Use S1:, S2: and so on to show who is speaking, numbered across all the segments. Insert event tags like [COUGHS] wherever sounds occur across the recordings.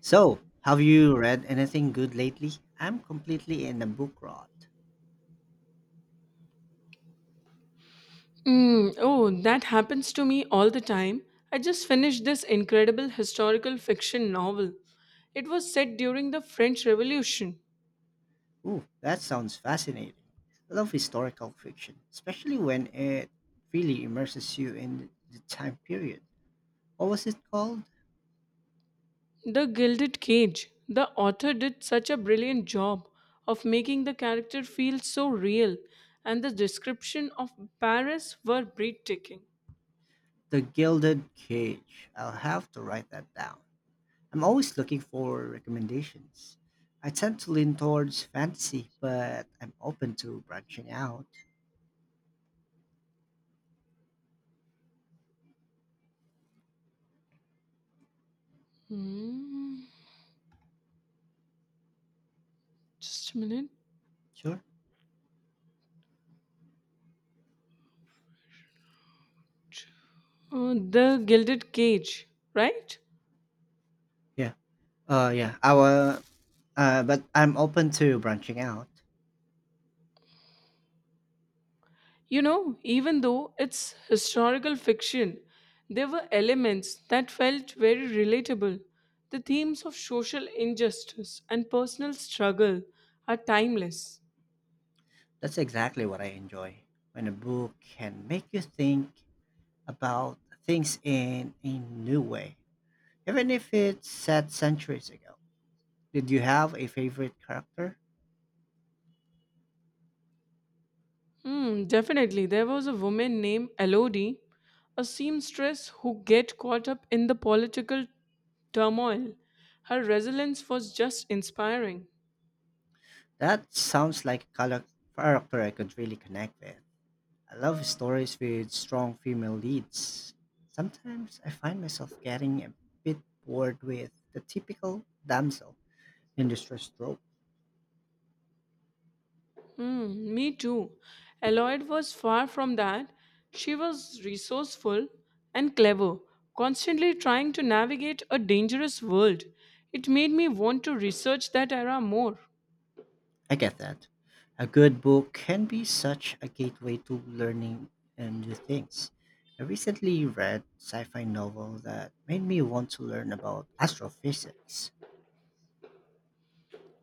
S1: So, have you read anything good lately? I'm completely in the book rot.
S2: Mm, oh, that happens to me all the time. I just finished this incredible historical fiction novel. It was set during the French Revolution.
S1: Ooh, that sounds fascinating. I love historical fiction, especially when it really immerses you in the time period. What was it called?
S2: The Gilded Cage. The author did such a brilliant job of making the character feel so real, and the description of Paris were breathtaking.
S1: The Gilded Cage. I'll have to write that down. I'm always looking for recommendations. I tend to lean towards fantasy, but I'm open to branching out.
S2: Hmm, just a minute.
S1: Sure.
S2: Oh, the Gilded Cage, right?
S1: Yeah. Yeah. Our But I'm open to branching out.
S2: Even though it's historical fiction, there were elements that felt very relatable. The themes of social injustice and personal struggle are timeless.
S1: That's exactly what I enjoy. When a book can make you think about things in a new way, even if it's set centuries ago. Did you have a favorite character?
S2: Hmm, definitely. There was a woman named Elodie, a seamstress who get caught up in the political turmoil. Her resilience was just inspiring.
S1: That sounds like a character I could really connect with. I love stories with strong female leads. Sometimes I find myself getting a bit bored with the typical damsel in distress trope.
S2: Mm, me too. Eloyd was far from that. She was resourceful and clever, constantly trying to navigate a dangerous world. It made me want to research that era more.
S1: I get that. A good book can be such a gateway to learning and new things. I recently read sci-fi novel that made me want to learn about astrophysics.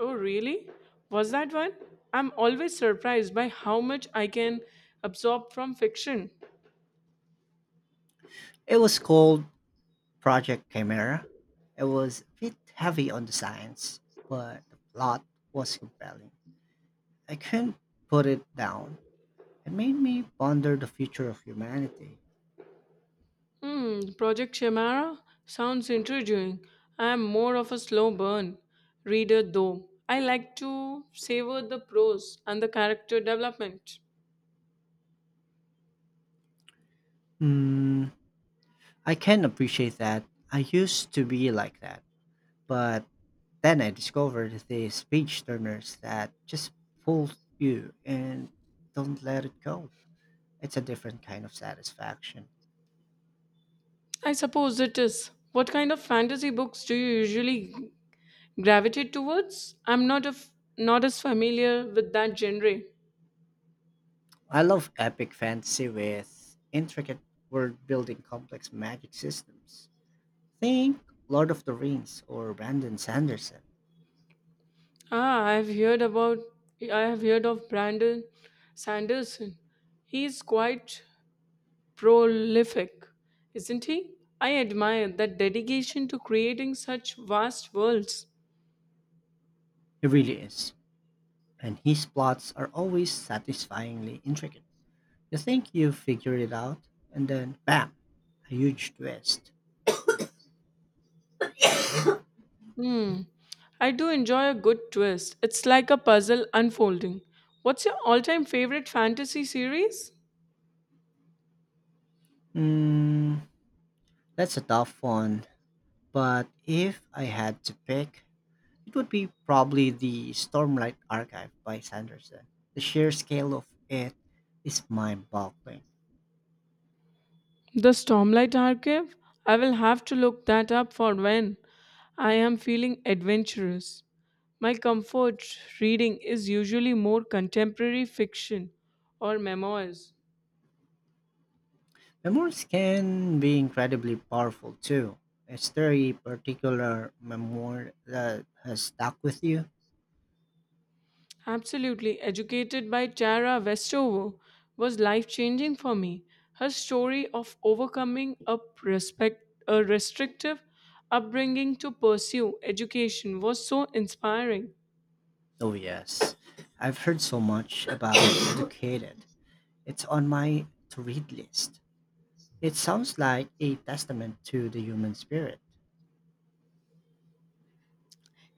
S2: Oh, really? Was that one? I'm always surprised by how much I can absorb from fiction.
S1: It was called Project Chimera. It was a bit heavy on the science, but the plot was compelling. I couldn't put it down. It made me ponder the future of humanity.
S2: Project Chimera sounds intriguing. I am more of a slow burn reader though. I like to savor the prose and the character development.
S1: Hmm, I can appreciate that. I used to be like that, but then I discovered the speech turners that just pull you and don't let it go. It's a different kind of satisfaction.
S2: I suppose it is. What kind of fantasy books do you usually gravitate towards? I'm not a not as familiar with that genre.
S1: I love epic fantasy with intricate world building, complex magic systems. Think Lord of the Rings or Brandon Sanderson.
S2: Ah, I have heard of Brandon Sanderson. He's quite prolific, isn't he? I admire that dedication to creating such vast worlds.
S1: He really is. And his plots are always satisfyingly intricate. You think you've figured it out, and then bam, a huge twist.
S2: Hmm. I do enjoy a good twist. It's like a puzzle unfolding. What's your all time favorite fantasy series?
S1: Hmm, that's a tough one. But if I had to pick, it would be probably the Stormlight Archive by Sanderson. The sheer scale of it is mind boggling.
S2: The Stormlight Archive? I will have to look that up for when I am feeling adventurous. My comfort reading is usually more contemporary fiction or memoirs.
S1: Memoirs can be incredibly powerful too. Is there a particular memoir that has stuck with you?
S2: Absolutely. Educated by Tara Westover was life changing for me. Her story of overcoming a restrictive upbringing to pursue education was so inspiring.
S1: Oh, yes. I've heard so much about [COUGHS] Educated. It's on my to read list. It sounds like a testament to the human spirit.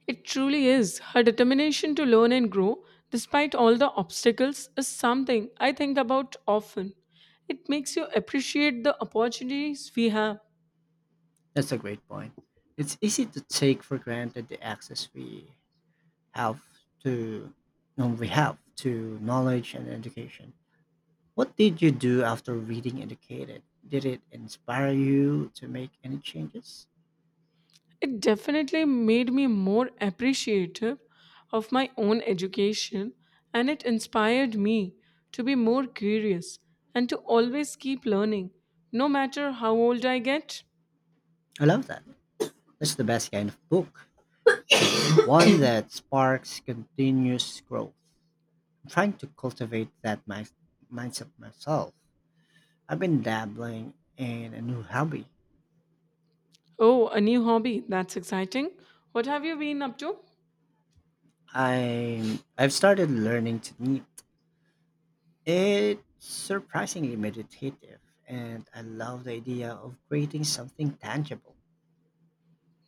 S2: It truly is. Her determination to learn and grow, despite all the obstacles, is something I think about often. It makes you appreciate the opportunities we have.
S1: That's a great point. It's easy to take for granted the access we have to no, we have to knowledge and education. What did you do after reading Educated? Did it inspire you to make any changes?
S2: It definitely made me more appreciative of my own education and it inspired me to be more curious and to always keep learning, no matter how old I get.
S1: I love that. That's the best kind of book. [COUGHS] One that sparks continuous growth. I'm trying to cultivate that mindset myself. I've been dabbling in a new hobby.
S2: Oh, a new hobby. That's exciting. What have you been up to?
S1: I've started learning to knit. It's surprisingly meditative, and I love the idea of creating something tangible.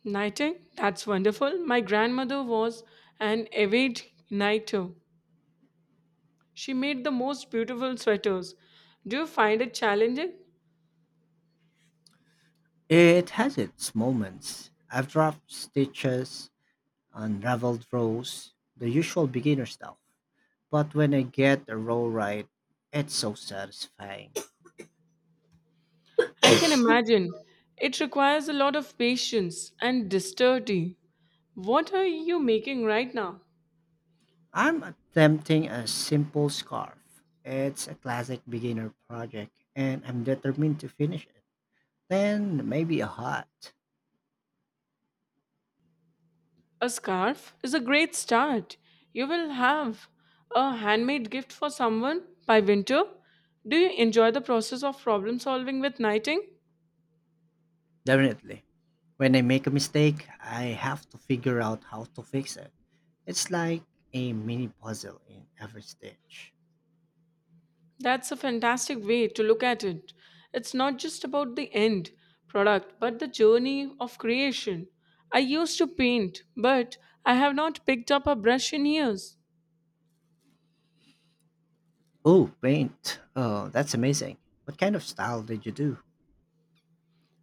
S2: Nighting? That's wonderful. My grandmother was an avid nighter. She made the most beautiful sweaters. Do you find it challenging?
S1: It has its moments. I've dropped stitches, unraveled rows, the usual beginner stuff. But when I get a row right, it's so satisfying.
S2: I can imagine. It requires a lot of patience and dexterity. What are you making right now?
S1: I'm attempting a simple scarf. It's a classic beginner project, and I'm determined to finish it. Then maybe a hat.
S2: A scarf is a great start. You will have a handmade gift for someone by winter. Do you enjoy the process of problem solving with knitting?
S1: Definitely. When I make a mistake, I have to figure out how to fix it. It's like a mini puzzle in every stitch.
S2: That's a fantastic way to look at it. It's not just about the end product, but the journey of creation. I used to paint, but I have not picked up a brush in years.
S1: Oh, paint. Oh, that's amazing. What kind of style did you do?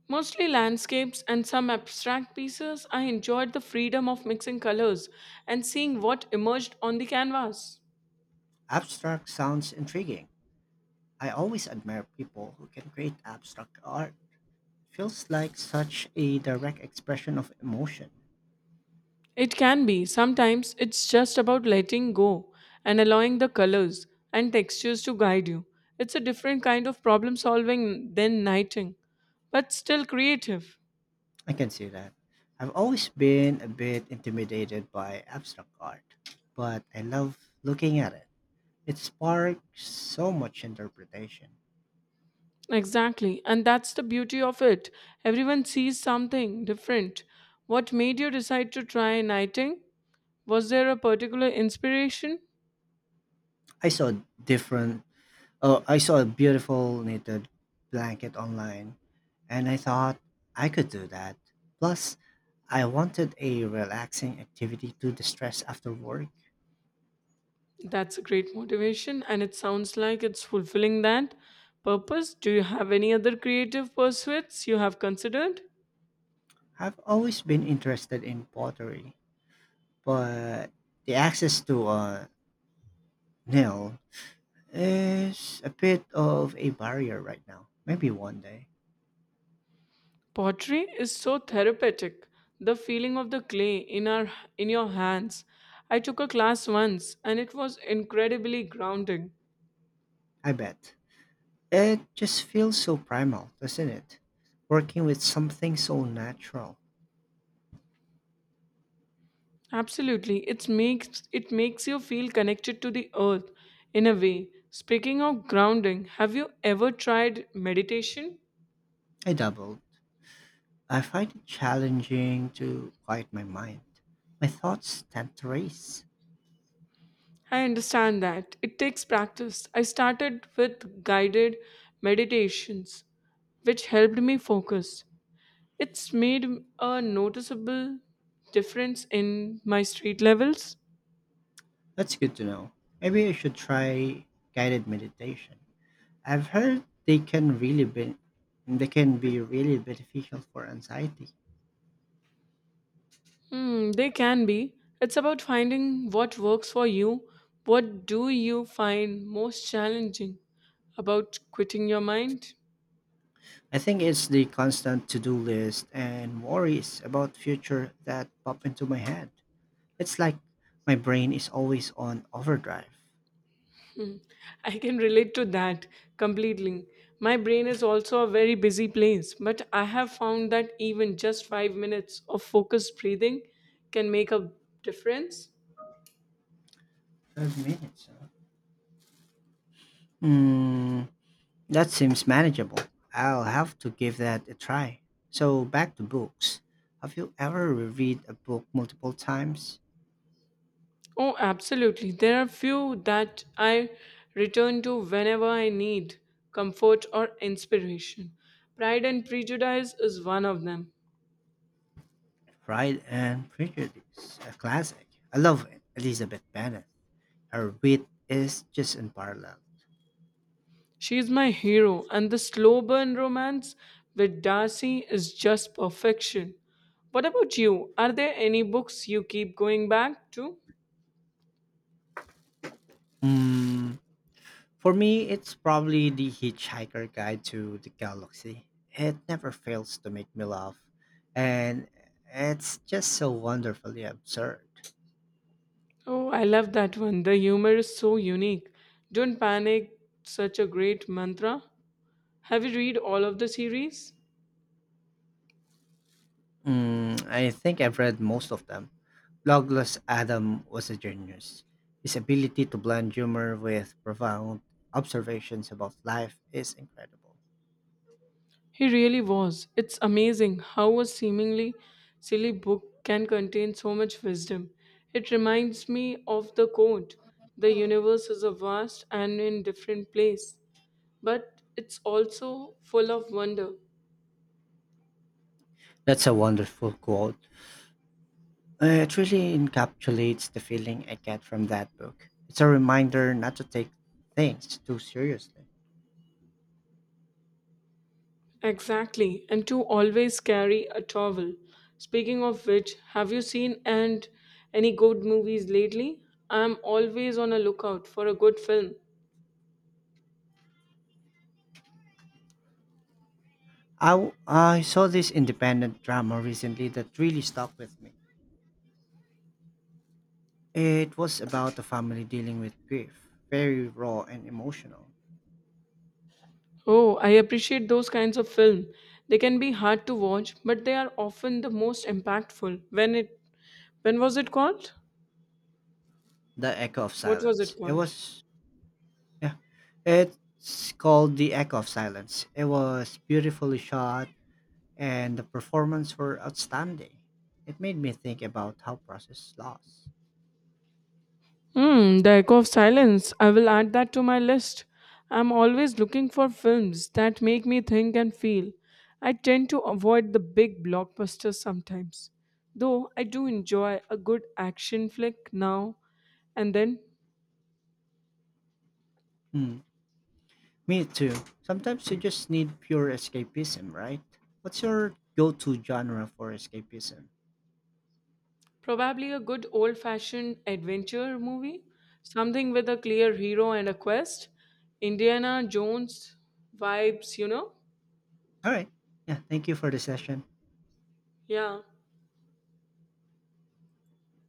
S2: Mostly landscapes and some abstract pieces. I enjoyed the freedom of mixing colors and seeing what emerged on the canvas.
S1: Abstract sounds intriguing. I always admire people who can create abstract art. Feels like such a direct expression of emotion.
S2: It can be, sometimes it's just about letting go and allowing the colors and textures to guide you. It's a different kind of problem solving than knighting, but still creative.
S1: I can see that. I've always been a bit intimidated by abstract art, but I love looking at it. It sparked so much interpretation.
S2: Exactly, and that's the beauty of it. Everyone sees something different. What made you decide to try knighting? Was there a particular inspiration?
S1: I saw different. Oh, I saw a beautiful knitted blanket online, and I thought I could do that. Plus, I wanted a relaxing activity to distress after work.
S2: That's a great motivation, and it sounds like it's fulfilling that purpose. Do you have any other creative pursuits you have considered?
S1: I've always been interested in pottery, but the access to a nail is a bit of a barrier right now. Maybe one day.
S2: Pottery is so therapeutic. The feeling of the clay in your hands. I took a class once and it was incredibly grounding.
S1: I bet. It just feels so primal, doesn't it? Working with something so natural.
S2: Absolutely. It makes you feel connected to the earth in a way. Speaking of grounding, have you ever tried meditation?
S1: I doubled. I find it challenging to quiet my mind. My thoughts tend to race.
S2: I understand that. It takes practice. I started with guided meditations, which helped me focus. It's made a noticeable difference in my street levels.
S1: That's good to know. Maybe I should try guided meditation. I've heard they can be really beneficial for anxiety.
S2: Hmm, they can be. It's about finding what works for you. What do you find most challenging about quitting your mind?
S1: I think it's the constant to-do list and worries about future that pop into my head. It's like my brain is always on overdrive.
S2: [LAUGHS] I can relate to that completely. My brain is also a very busy place, but I have found that even just 5 minutes of focused breathing can make a difference.
S1: 12 minutes, huh? Hmm, that seems manageable. I'll have to give that a try. So, back to books. Have you ever reread a book multiple times?
S2: Oh, absolutely. There are few that I return to whenever I need comfort or inspiration. Pride and Prejudice is one of them.
S1: Pride and Prejudice, a classic. I love Elizabeth Bennet. Her wit is just unparalleled.
S2: She is my hero, and the slow burn romance with Darcy is just perfection. What about you? Are there any books you keep going back to?
S1: Hmm, For me, it's probably The Hitchhiker Guide to the Galaxy. It never fails to make me laugh, and it's just so wonderfully absurd.
S2: Oh, I love that one. The humor is so unique. Don't panic, such a great mantra. Have you read all of the series?
S1: Mm, I think I've read most of them. Douglas Adam was a genius. His ability to blend humor with profound observations about life is incredible.
S2: He really was. It's amazing how a seemingly silly book can contain so much wisdom. It reminds me of the quote "The universe is a vast and in different place, but it's also full of wonder."
S1: That's a wonderful quote. It really encapsulates the feeling I get from that book. It's a reminder not to take things too seriously.
S2: Exactly, and to always carry a towel. Speaking of which, have you seen and any good movies lately? I'm always on a lookout for a good film.
S1: I saw this independent drama recently that really stuck with me. It was about a family dealing with grief, very raw and emotional.
S2: Oh, I appreciate those kinds of film. They can be hard to watch, but they are often the most impactful. When was it called?
S1: The Echo of
S2: What was it
S1: Silence. It
S2: called?
S1: was, Yeah, it's called The Echo of Silence. It was beautifully shot and the performances were outstanding. It made me think about how process loss.
S2: The Echo of Silence. I will add that to my list. I'm always looking for films that make me think and feel. I tend to avoid the big blockbusters sometimes, though I do enjoy a good action flick now and then.
S1: Hmm. Me too. Sometimes you just need pure escapism, right? What's your go to genre for escapism?
S2: Probably a good old fashioned adventure movie, something with a clear hero and a quest. Indiana Jones vibes, you know?
S1: All right. Yeah. Thank you for the session.
S2: Yeah.